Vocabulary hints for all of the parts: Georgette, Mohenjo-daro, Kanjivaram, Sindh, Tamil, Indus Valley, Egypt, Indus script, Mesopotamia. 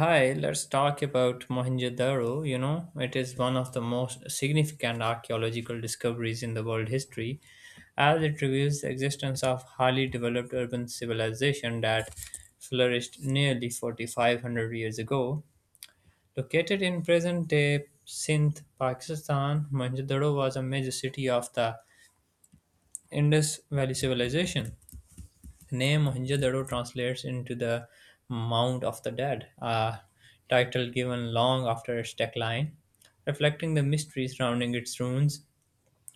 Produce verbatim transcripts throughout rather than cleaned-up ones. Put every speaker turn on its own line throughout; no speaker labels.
Hi, let's talk about Mohenjo-daro. You know, it is one of the most significant archaeological discoveries in the world history, as it reveals the existence of highly developed urban civilization that flourished nearly four thousand five hundred years ago. Located in present-day Sindh, Pakistan, Mohenjo-daro was a major city of the Indus Valley civilization. The name Mohenjo-daro translates into the Mount of the Dead, a title given long after its decline, reflecting the mystery surrounding its ruins.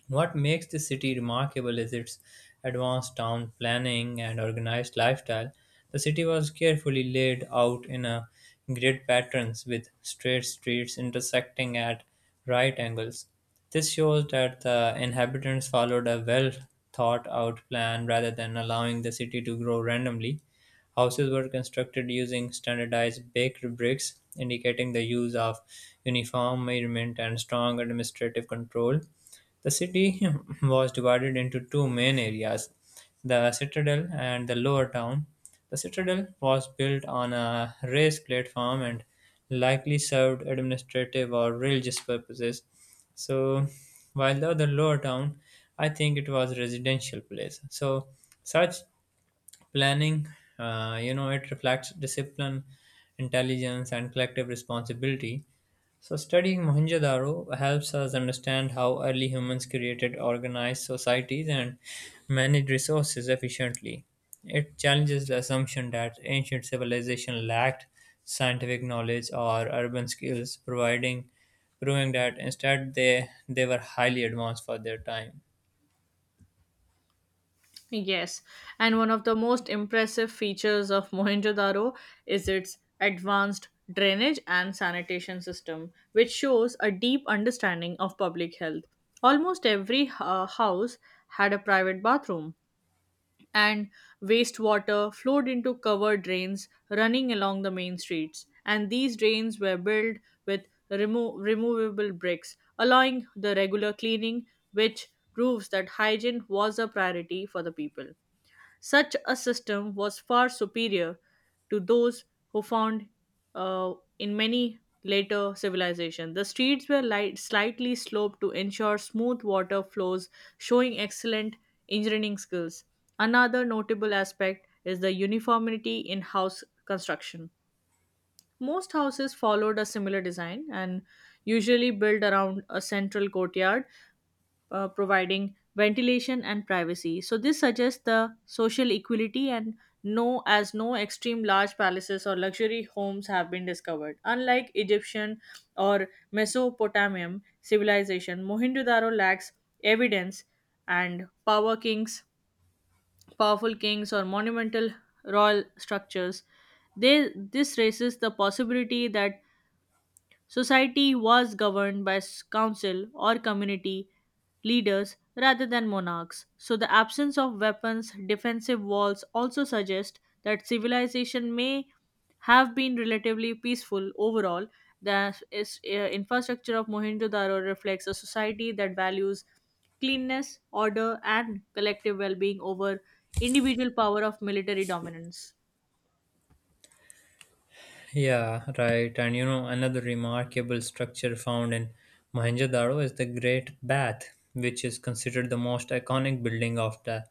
What makes this city remarkable is its advanced town planning and organized lifestyle. The city was carefully laid out in a grid patterns with straight streets intersecting at right angles. This shows that the inhabitants followed a well thought out plan rather than allowing the city to grow randomly. Houses were constructed using standardized baked bricks, indicating the use of uniform measurement and strong administrative control. The city was divided into two main areas, the citadel and the lower town. The citadel was built on a raised platform and likely served administrative or religious purposes. So, while the other lower town, I think it was a residential place. So, such planning, uh, you know, it reflects discipline, intelligence, and collective responsibility. So, studying Mohenjo-daro helps us understand how early humans created organized societies and managed resources efficiently. It challenges the assumption that ancient civilization lacked scientific knowledge or urban skills, providing proving that instead they they were highly advanced for their time.
Yes, and one of the most impressive features of Mohenjo-daro is its advanced drainage and sanitation system, which shows a deep understanding of public health. Almost every uh, house had a private bathroom, and wastewater flowed into covered drains running along the main streets. And these drains were built with remo- removable bricks, allowing the regular cleaning, which proves that hygiene was a priority for the people. Such a system was far superior to those who found uh, in many later civilizations. The streets were light, slightly sloped to ensure smooth water flows, showing excellent engineering skills. Another notable aspect is the uniformity in house construction. Most houses followed a similar design and usually built around a central courtyard, uh, providing ventilation and privacy. So this suggests the social equality and no as no extreme large palaces or luxury homes have been discovered. Unlike Egyptian or Mesopotamian civilization, Mohenjo-daro lacks evidence and power kings, powerful kings or monumental royal structures. They, this raises the possibility that society was governed by s- council or community leaders rather than monarchs, so the absence of weapons, defensive walls also suggest that civilization may have been relatively peaceful overall. The is- uh, infrastructure of Mohenjo-daro reflects a society that values cleanness, order, and collective well-being over individual power of military dominance.
Yeah, right. And you know, another remarkable structure found in Mohenjo-daro is the Great Bath, which is considered the most iconic building of the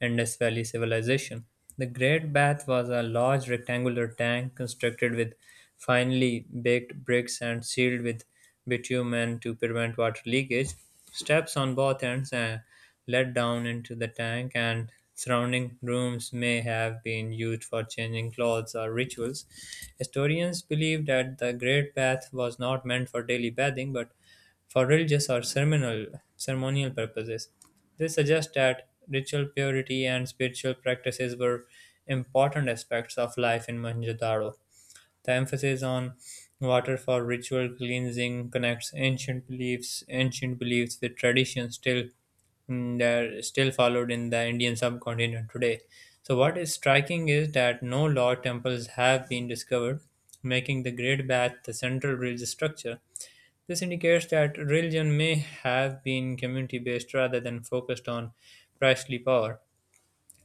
Indus Valley civilization. The Great Bath was a large rectangular tank constructed with finely baked bricks and sealed with bitumen to prevent water leakage. Steps on both ends uh, led down into the tank, and surrounding rooms may have been used for changing clothes or rituals. Historians believe that the Great Bath was not meant for daily bathing but for religious or ceremonial, ceremonial purposes. This suggests that ritual purity and spiritual practices were important aspects of life in Mohenjo-daro. The emphasis on water for ritual cleansing connects ancient beliefs, ancient beliefs with traditions still mm, that are still followed in the Indian subcontinent today. So, what is striking is that no Lord temples have been discovered, making the Great Bath the central religious structure. This indicates that religion may have been community based rather than focused on priestly power.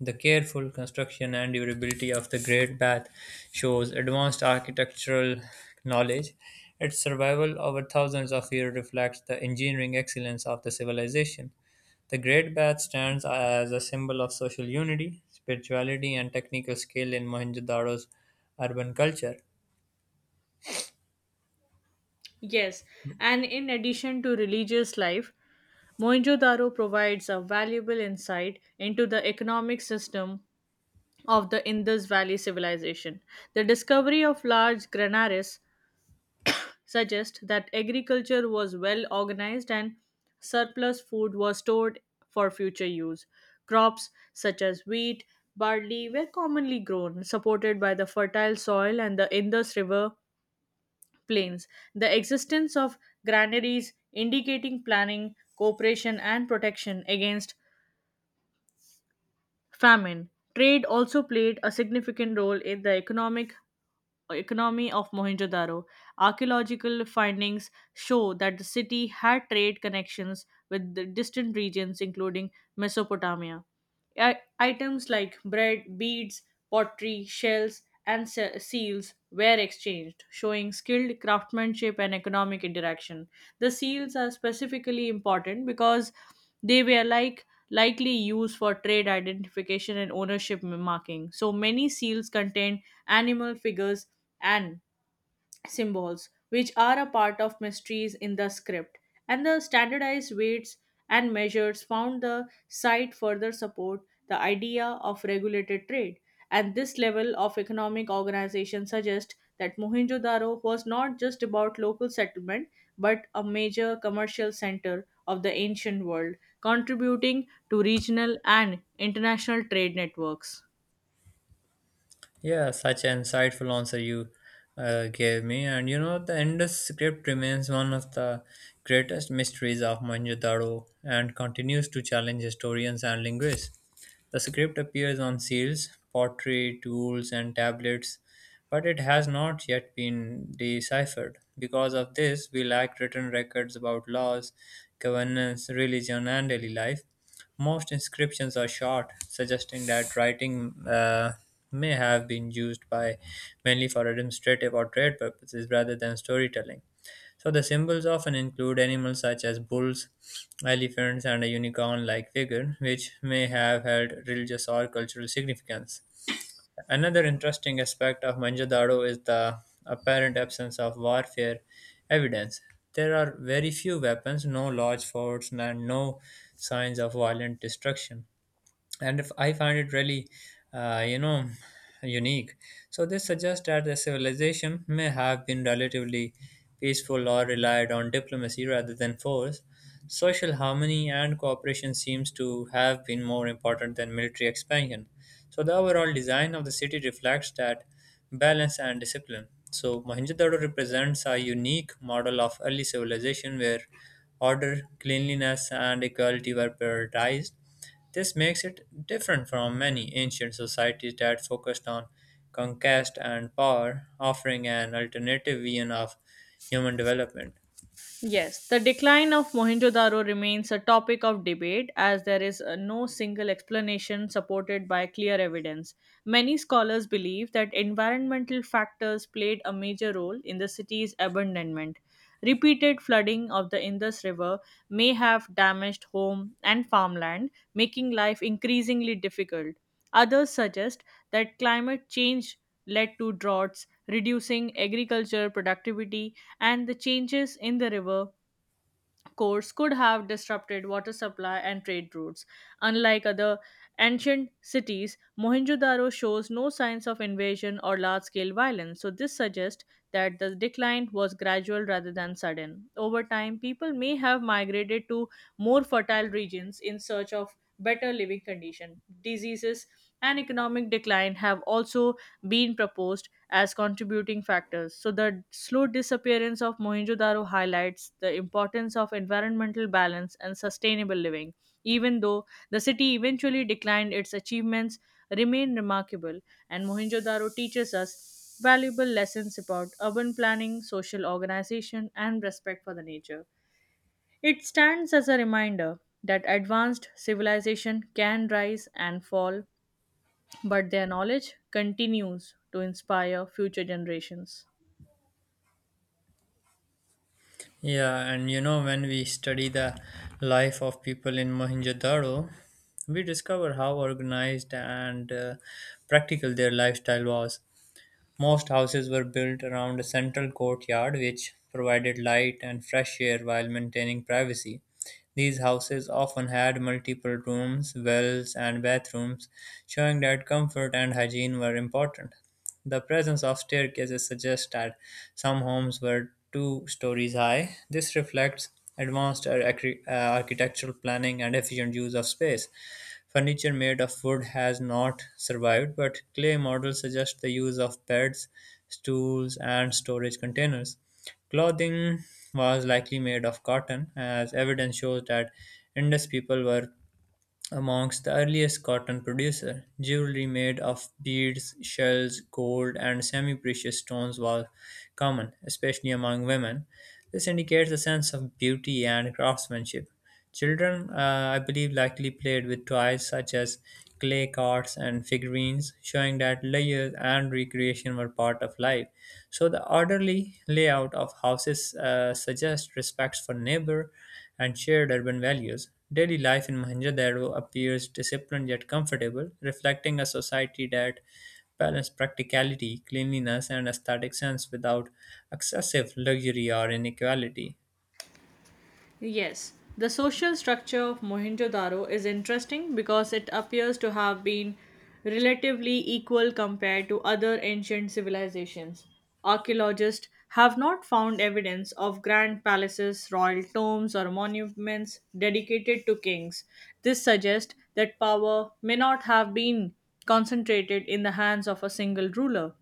The careful construction and durability of the Great Bath shows advanced architectural knowledge. Its survival over thousands of years reflects the engineering excellence of the civilization. The Great Bath stands as a symbol of social unity, spirituality, and technical skill in Mohenjo-daro's urban culture.
Yes, and in addition to religious life, Mohenjo-daro provides a valuable insight into the economic system of the Indus Valley civilization. The discovery of large granaries suggests that agriculture was well organized and surplus food was stored for future use. Crops such as wheat, barley were commonly grown, supported by the fertile soil and the Indus River plains. The existence of granaries indicating planning, cooperation, and protection against famine. Trade also played a significant role in the economic economy of Mohenjo-daro. Archaeological findings show that the city had trade connections with the distant regions, including Mesopotamia. I- items like bread, beads, pottery, shells, and se- seals were exchanged, showing skilled craftsmanship and economic interaction. The seals are specifically important because they were like likely used for trade identification and ownership marking. So many seals contain animal figures and symbols, which are a part of mysteries in the script, and the standardized weights and measures found the site further support the idea of regulated trade. And this level of economic organization suggests that Mohenjo-daro was not just about local settlement, but a major commercial center of the ancient world, contributing to regional and international trade networks.
Yeah, such an insightful answer you uh, gave me. And you know, the Indus script remains one of the greatest mysteries of Mohenjo-daro and continues to challenge historians and linguists. The script appears on seals, pottery, tools, and tablets, but it has not yet been deciphered. Because of this, we lack written records about laws, governance, religion, and daily life. Most inscriptions are short, suggesting that writing uh, may have been used by mainly for administrative or trade purposes rather than storytelling. So the symbols often include animals such as bulls, elephants, and a unicorn like figure, which may have had religious or cultural significance. Another interesting aspect of Manjadaro is the apparent absence of warfare evidence. There are very few weapons, no large forts, and no signs of violent destruction, and if I find it really uh, you know unique. So this suggests that the civilization may have been relatively peaceful or relied on diplomacy rather than force. Social harmony and cooperation seems to have been more important than military expansion. So the overall design of the city reflects that balance and discipline. So Mohenjo-daro represents a unique model of early civilization where order, cleanliness, and equality were prioritized. This makes it different from many ancient societies that focused on conquest and power, offering an alternative vision of human development.
Yes, the decline of Mohenjo-daro remains a topic of debate as there is uh, no single explanation supported by clear evidence. Many scholars believe that environmental factors played a major role in the city's abandonment. Repeated flooding of the Indus River may have damaged home and farmland, making life increasingly difficult. Others suggest that climate change led to droughts, reducing agriculture productivity, and the changes in the river course could have disrupted water supply and trade routes. Unlike other ancient cities, Mohenjo-daro shows no signs of invasion or large-scale violence, so this suggests that the decline was gradual rather than sudden. Over time, people may have migrated to more fertile regions in search of better living conditions. Diseases and economic decline have also been proposed as contributing factors. So, the slow disappearance of Mohenjo Daro highlights the importance of environmental balance and sustainable living. Even though the city eventually declined, its achievements remain remarkable, and Mohenjo Daro teaches us valuable lessons about urban planning, social organization, and respect for the nature. It stands as a reminder that advanced civilization can rise and fall, but their knowledge continues to inspire future generations.
Yeah, and you know, when we study the life of people in Mohenjo-daro, we discover how organized and uh, practical their lifestyle was. Most houses were built around a central courtyard which provided light and fresh air while maintaining privacy. These houses often had multiple rooms, wells, and bathrooms, showing that comfort and hygiene were important. The presence of staircases suggests that some homes were two stories high. This reflects advanced ar- acri- uh, architectural planning and efficient use of space. Furniture made of wood has not survived, but clay models suggest the use of beds, stools, and storage containers. Clothing was likely made of cotton, as evidence shows that Indus people were amongst the earliest cotton producers. Jewelry made of beads, shells, gold, and semi-precious stones was common, especially among women. This indicates a sense of beauty and craftsmanship. Children, uh, I believe, likely played with toys such as clay carts and figurines, showing that leisure and recreation were part of life. So the orderly layout of houses uh, suggests respect for neighbor and shared urban values. Daily life in Mohenjo-daro appears disciplined yet comfortable, reflecting a society that balanced practicality, cleanliness, and aesthetic sense without excessive luxury or inequality.
Yes, the social structure of Mohenjo-daro is interesting because it appears to have been relatively equal compared to other ancient civilizations. Archaeologists have not found evidence of grand palaces, royal tombs, or monuments dedicated to kings. This suggests that power may not have been concentrated in the hands of a single ruler.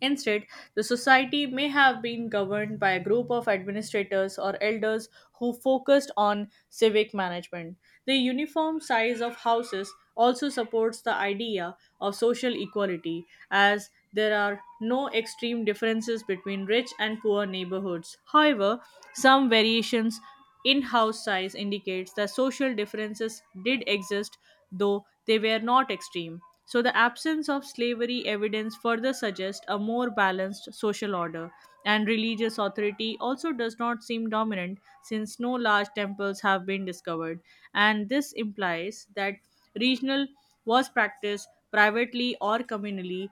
Instead, the society may have been governed by a group of administrators or elders who focused on civic management. The uniform size of houses also supports the idea of social equality, as there are no extreme differences between rich and poor neighborhoods. However, some variations in house size indicates that social differences did exist, though they were not extreme. So, the absence of slavery evidence further suggests a more balanced social order, and religious authority also does not seem dominant since no large temples have been discovered. And this implies that regional was practiced privately or communally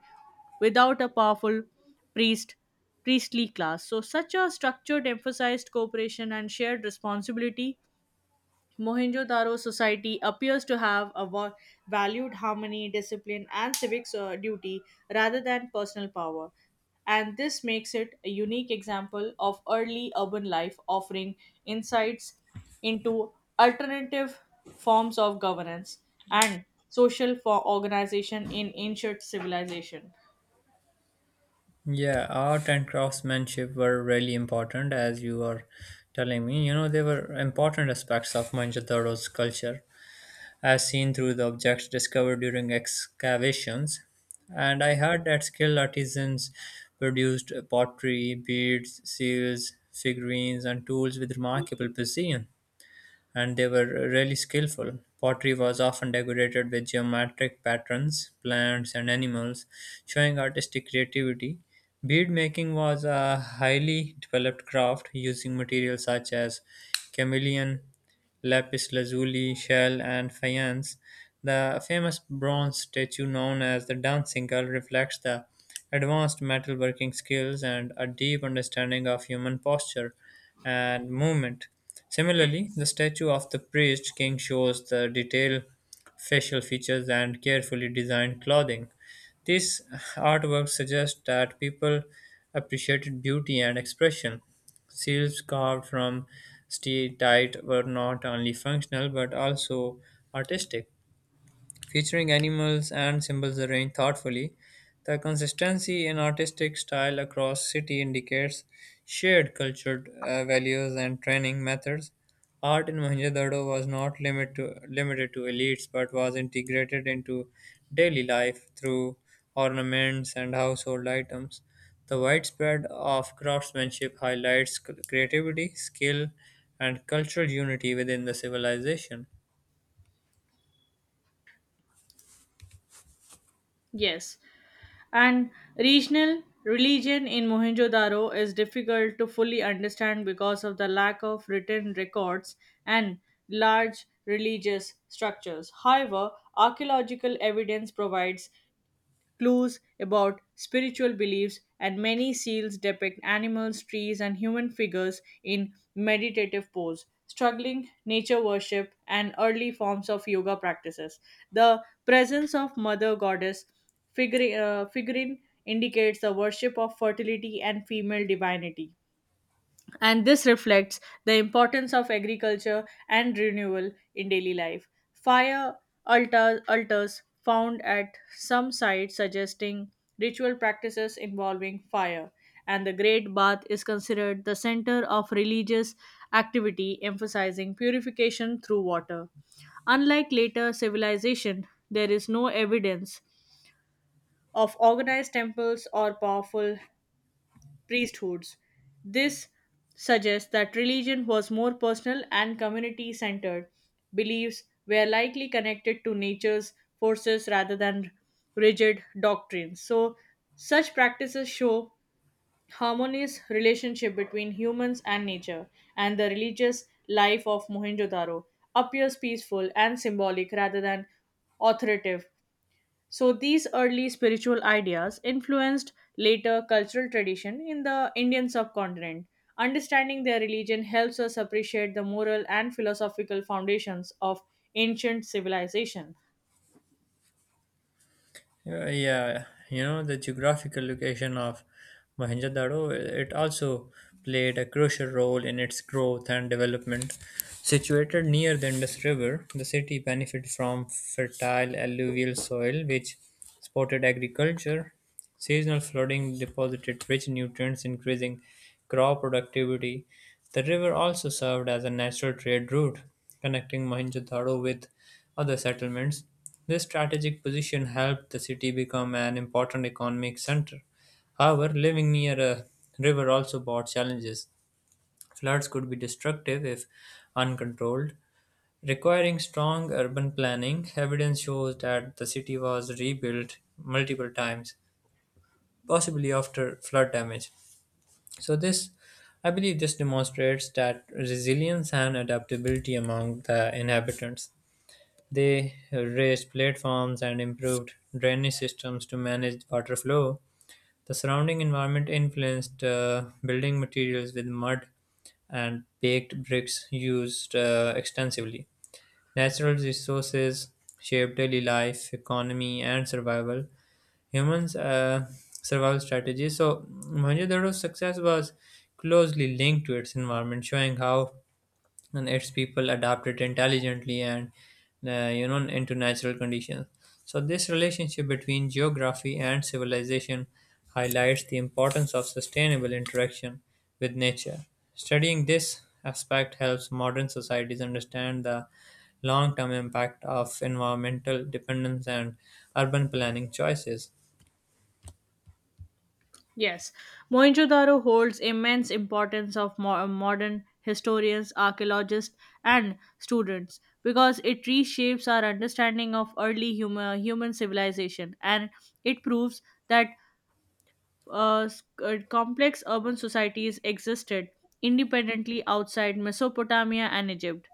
without a powerful priest priestly class. So such a structured emphasized cooperation and shared responsibility. Mohenjo-daro society appears to have a wa- valued harmony, discipline, and civic, uh, duty rather than personal power, and this makes it a unique example of early urban life, offering insights into alternative forms of governance and social for organization in ancient civilization.
Yeah, art and craftsmanship were really important, as you are telling me. You know, they were important aspects of Mohenjo-daro's culture, as seen through the objects discovered during excavations. And I heard that skilled artisans produced pottery, beads, seals, figurines, and tools with remarkable precision, and they were really skillful. Pottery was often decorated with geometric patterns, plants, and animals, showing artistic creativity. Bead making was a highly developed craft using materials such as chameleon, lapis lazuli, shell, and faience. The famous bronze statue known as the Dancing Girl reflects the advanced metalworking skills and a deep understanding of human posture and movement. Similarly, the statue of the priest king shows the detailed facial features and carefully designed clothing. These artworks suggest that people appreciated beauty and expression. Shields carved from steatite were not only functional but also artistic, featuring animals and symbols arranged thoughtfully. The consistency in artistic style across city indicates shared cultural uh, values and training methods. Art in Mohenjo-daro was not limit to, limited to elites but was integrated into daily life through ornaments and household items. The widespread of craftsmanship highlights c- creativity, skill, and cultural unity within the civilization.
Yes. And regional religion in Mohenjo Daro is difficult to fully understand because of the lack of written records and large religious structures. However, archaeological evidence provides clues about spiritual beliefs, and many seals depict animals, trees, and human figures in meditative pose, struggling nature worship, and early forms of yoga practices. The presence of Mother Goddess figure, uh, figurine indicates the worship of fertility and female divinity and this reflects the importance of agriculture and renewal in daily life. Fire altar, altars found at some sites suggesting ritual practices involving fire, and the Great Bath is considered the center of religious activity emphasizing purification through water. Unlike later civilization, there is no evidence of organized temples or powerful priesthoods. This suggests that religion was more personal and community centered. Beliefs were likely connected to nature's forces rather than rigid doctrines. So, such practices show harmonious relationship between humans and nature, and the religious life of Mohenjo-daro appears peaceful and symbolic rather than authoritative. So these early spiritual ideas influenced later cultural tradition in the Indian subcontinent. Understanding their religion helps us appreciate the moral and philosophical foundations of ancient civilization.
Yeah, yeah, you know, the geographical location of Mohenjo-daro, it also played a crucial role in its growth and development. Situated near the Indus River, the city benefited from fertile alluvial soil which supported agriculture. Seasonal flooding deposited rich nutrients, increasing crop productivity. The river also served as a natural trade route, connecting Mohenjo-daro with other settlements. This strategic position helped the city become an important economic center. However, living near a river also brought challenges. Floods could be destructive if uncontrolled, requiring strong urban planning. Evidence shows that the city was rebuilt multiple times, possibly after flood damage. So this I believe this demonstrates that resilience and adaptability among the inhabitants. They raised platforms and improved drainage systems to manage water flow. The surrounding environment influenced uh, building materials, with mud and baked bricks used uh, extensively. Natural resources shape daily life, economy, and survival. Humans' uh, survival strategies. So, Mohenjo-daro's success was closely linked to its environment, showing how and its people adapted intelligently and uh, you know into natural conditions. So this relationship between geography and civilization highlights the importance of sustainable interaction with nature. Studying this aspect helps modern societies understand the long-term impact of environmental dependence and urban planning choices.
Yes, Mohenjo-daro holds immense importance of mo- uh, modern historians, archaeologists, and students because it reshapes our understanding of early human, human civilization and it proves that uh, s- uh, complex urban societies existed independently outside Mesopotamia and Egypt.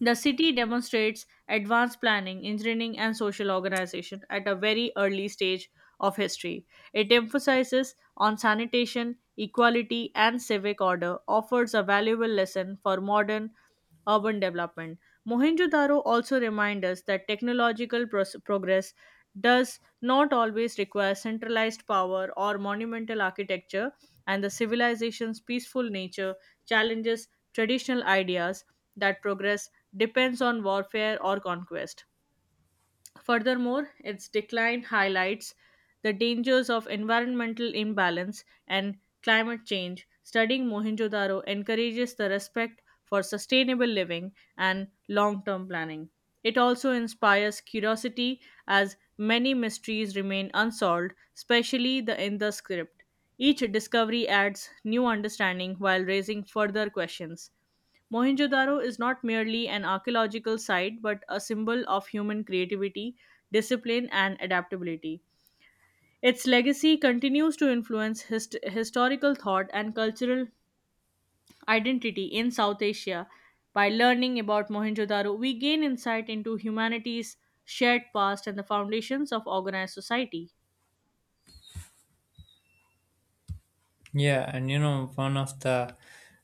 The city demonstrates advanced planning, engineering, and social organization at a very early stage of history. It emphasizes on sanitation, equality, and civic order, offers a valuable lesson for modern urban development. Mohenjo-daro also reminds us that technological pros- progress does not always require centralized power or monumental architecture, and the civilization's peaceful nature challenges traditional ideas that progress depends on warfare or conquest. Furthermore, its decline highlights the dangers of environmental imbalance and climate change. Studying Mohenjo-daro encourages the respect for sustainable living and long-term planning. It also inspires curiosity as many mysteries remain unsolved, especially the in the script. Each discovery adds new understanding while raising further questions. Mohenjo-daro is not merely an archaeological site but a symbol of human creativity discipline, and adaptability. Its legacy continues to influence hist- historical thought and cultural identity in South Asia. By learning about Mohenjo-daro, we gain insight into humanity's shared past and the foundations of organized society.
Yeah, and you know, one of the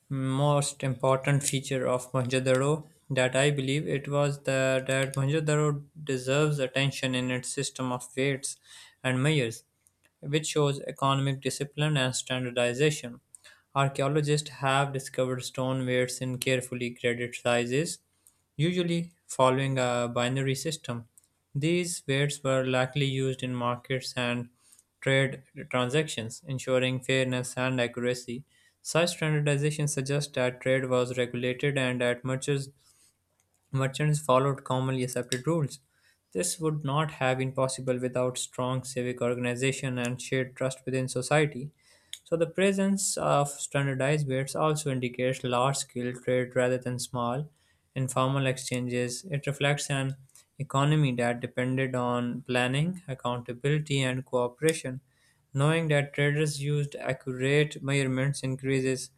most important feature of Mohenjo-daro that I believe it was the that Mohenjo-daro deserves attention in its system of weights and measures, which shows economic discipline and standardization. Archaeologists have discovered stone weights in carefully graded sizes, usually following a binary system. These weights were likely used in markets and trade transactions, ensuring fairness and accuracy. Such standardization suggests that trade was regulated and that mergers Merchants followed commonly accepted rules. This would not have been possible without strong civic organization and shared trust within society. So, the presence of standardized bids also indicates large scale trade rather than small, informal exchanges. It reflects an economy that depended on planning, accountability, and cooperation. Knowing that traders used accurate measurements increases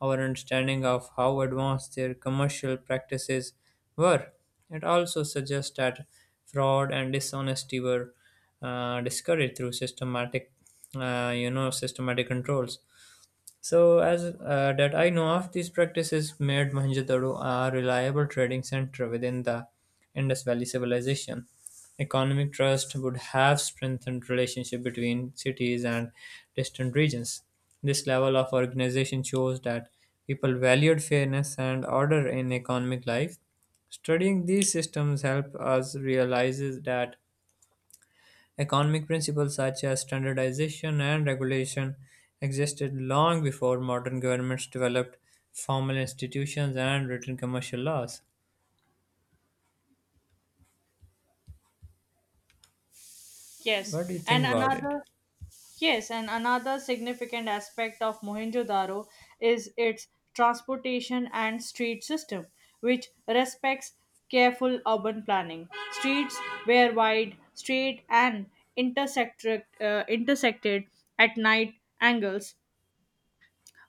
our understanding of how advanced their commercial practices were. It also suggests that fraud and dishonesty were uh, discouraged through systematic, uh, you know, systematic controls. So, as uh, that I know of, these practices made Mohenjo-daro a reliable trading center within the Indus Valley civilization. Economic trust would have strengthened relationship between cities and distant regions. This level of organization shows that people valued fairness and order in economic life. Studying these systems help us realize that economic principles such as standardization and regulation existed long before modern governments developed formal institutions and written commercial laws. What do you
Yes,
think
and
about it?
another Yes, and another significant aspect of Mohenjo-daro is its transportation and street system, which respects careful urban planning. Streets were wide, straight, and intersected, uh, intersected at night angles,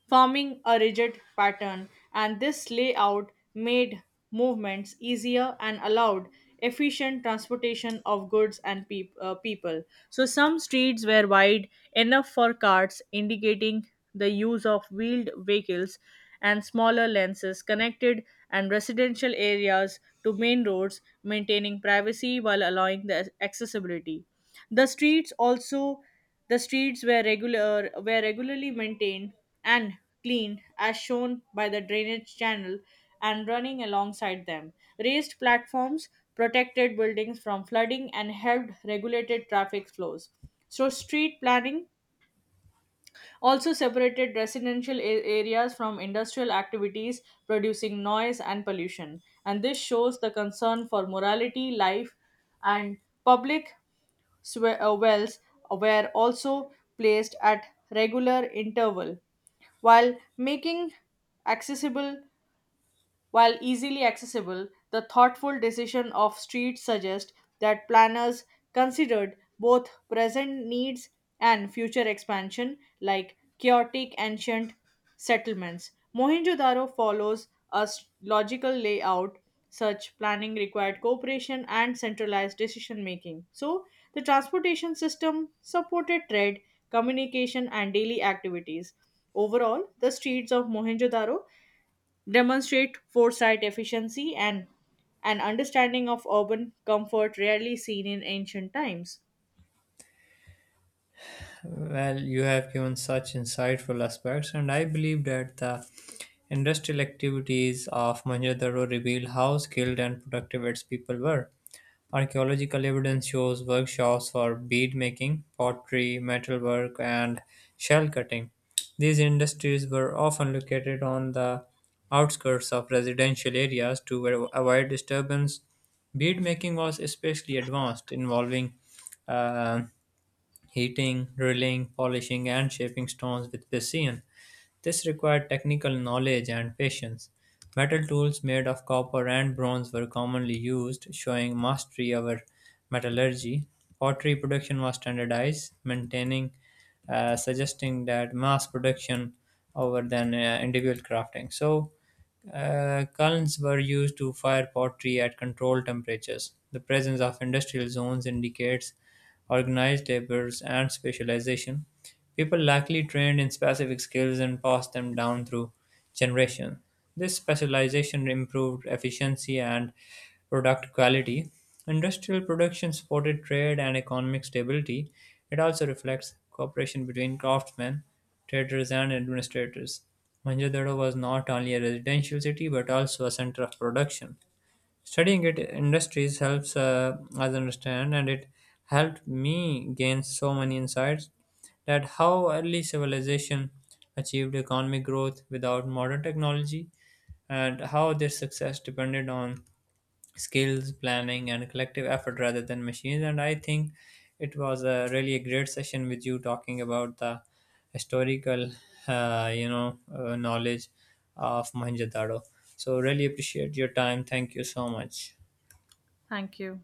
forming a rigid pattern, and this layout made movements easier and allowed efficient transportation of goods and peop- uh, people. So, some streets were wide enough for carts, indicating the use of wheeled vehicles and smaller lenses connected and residential areas to main roads, maintaining privacy while allowing the accessibility. The streets also the streets were regular were regularly maintained and cleaned as shown by the drainage channel and running alongside them. Raised platforms protected buildings from flooding and helped regulated traffic flows. So street planning also separated residential a- areas from industrial activities producing noise and pollution and this shows the concern for morality life and public swe- uh, wells were also placed at regular interval while making accessible while easily accessible, the thoughtful decision of streets suggests that planners considered both present needs and future expansion, like chaotic ancient settlements. Mohenjo-daro follows a s- logical layout. Such planning required cooperation and centralized decision making. So, the transportation system supported trade, communication, and daily activities. Overall, the streets of Mohenjo-daro demonstrate foresight, efficiency, and an understanding of urban comfort rarely seen in ancient times.
Well, you have given such insightful aspects, and I believe that the industrial activities of Mohenjo-daro reveal how skilled and productive its people were. Archaeological evidence shows workshops for bead making, pottery, metalwork, and shell cutting. These industries were often located on the outskirts of residential areas to a- avoid disturbance. Bead making was especially advanced, involving uh, heating, drilling, polishing, and shaping stones with precision. This required technical knowledge and patience. Metal tools made of copper and bronze were commonly used, showing mastery over metallurgy. Pottery production was standardized, maintaining, uh, suggesting that mass production over than uh, individual crafting. So, uh, kilns were used to fire pottery at controlled temperatures. The presence of industrial zones indicates organized labors and specialization. People likely trained in specific skills and passed them down through generations. This specialization improved efficiency and product quality. Industrial production supported trade and economic stability. It also reflects cooperation between craftsmen, traders, and administrators. Mohenjo-daro was not only a residential city but also a center of production. Studying it industries helps uh, us understand, and it helped me gain so many insights that how early civilization achieved economic growth without modern technology, and how their success depended on skills, planning, and collective effort rather than machines. And I think it was a really a great session with you talking about the historical, uh, you know, uh, knowledge of Mohenjo-daro. So really appreciate your time. Thank you so much.
Thank you.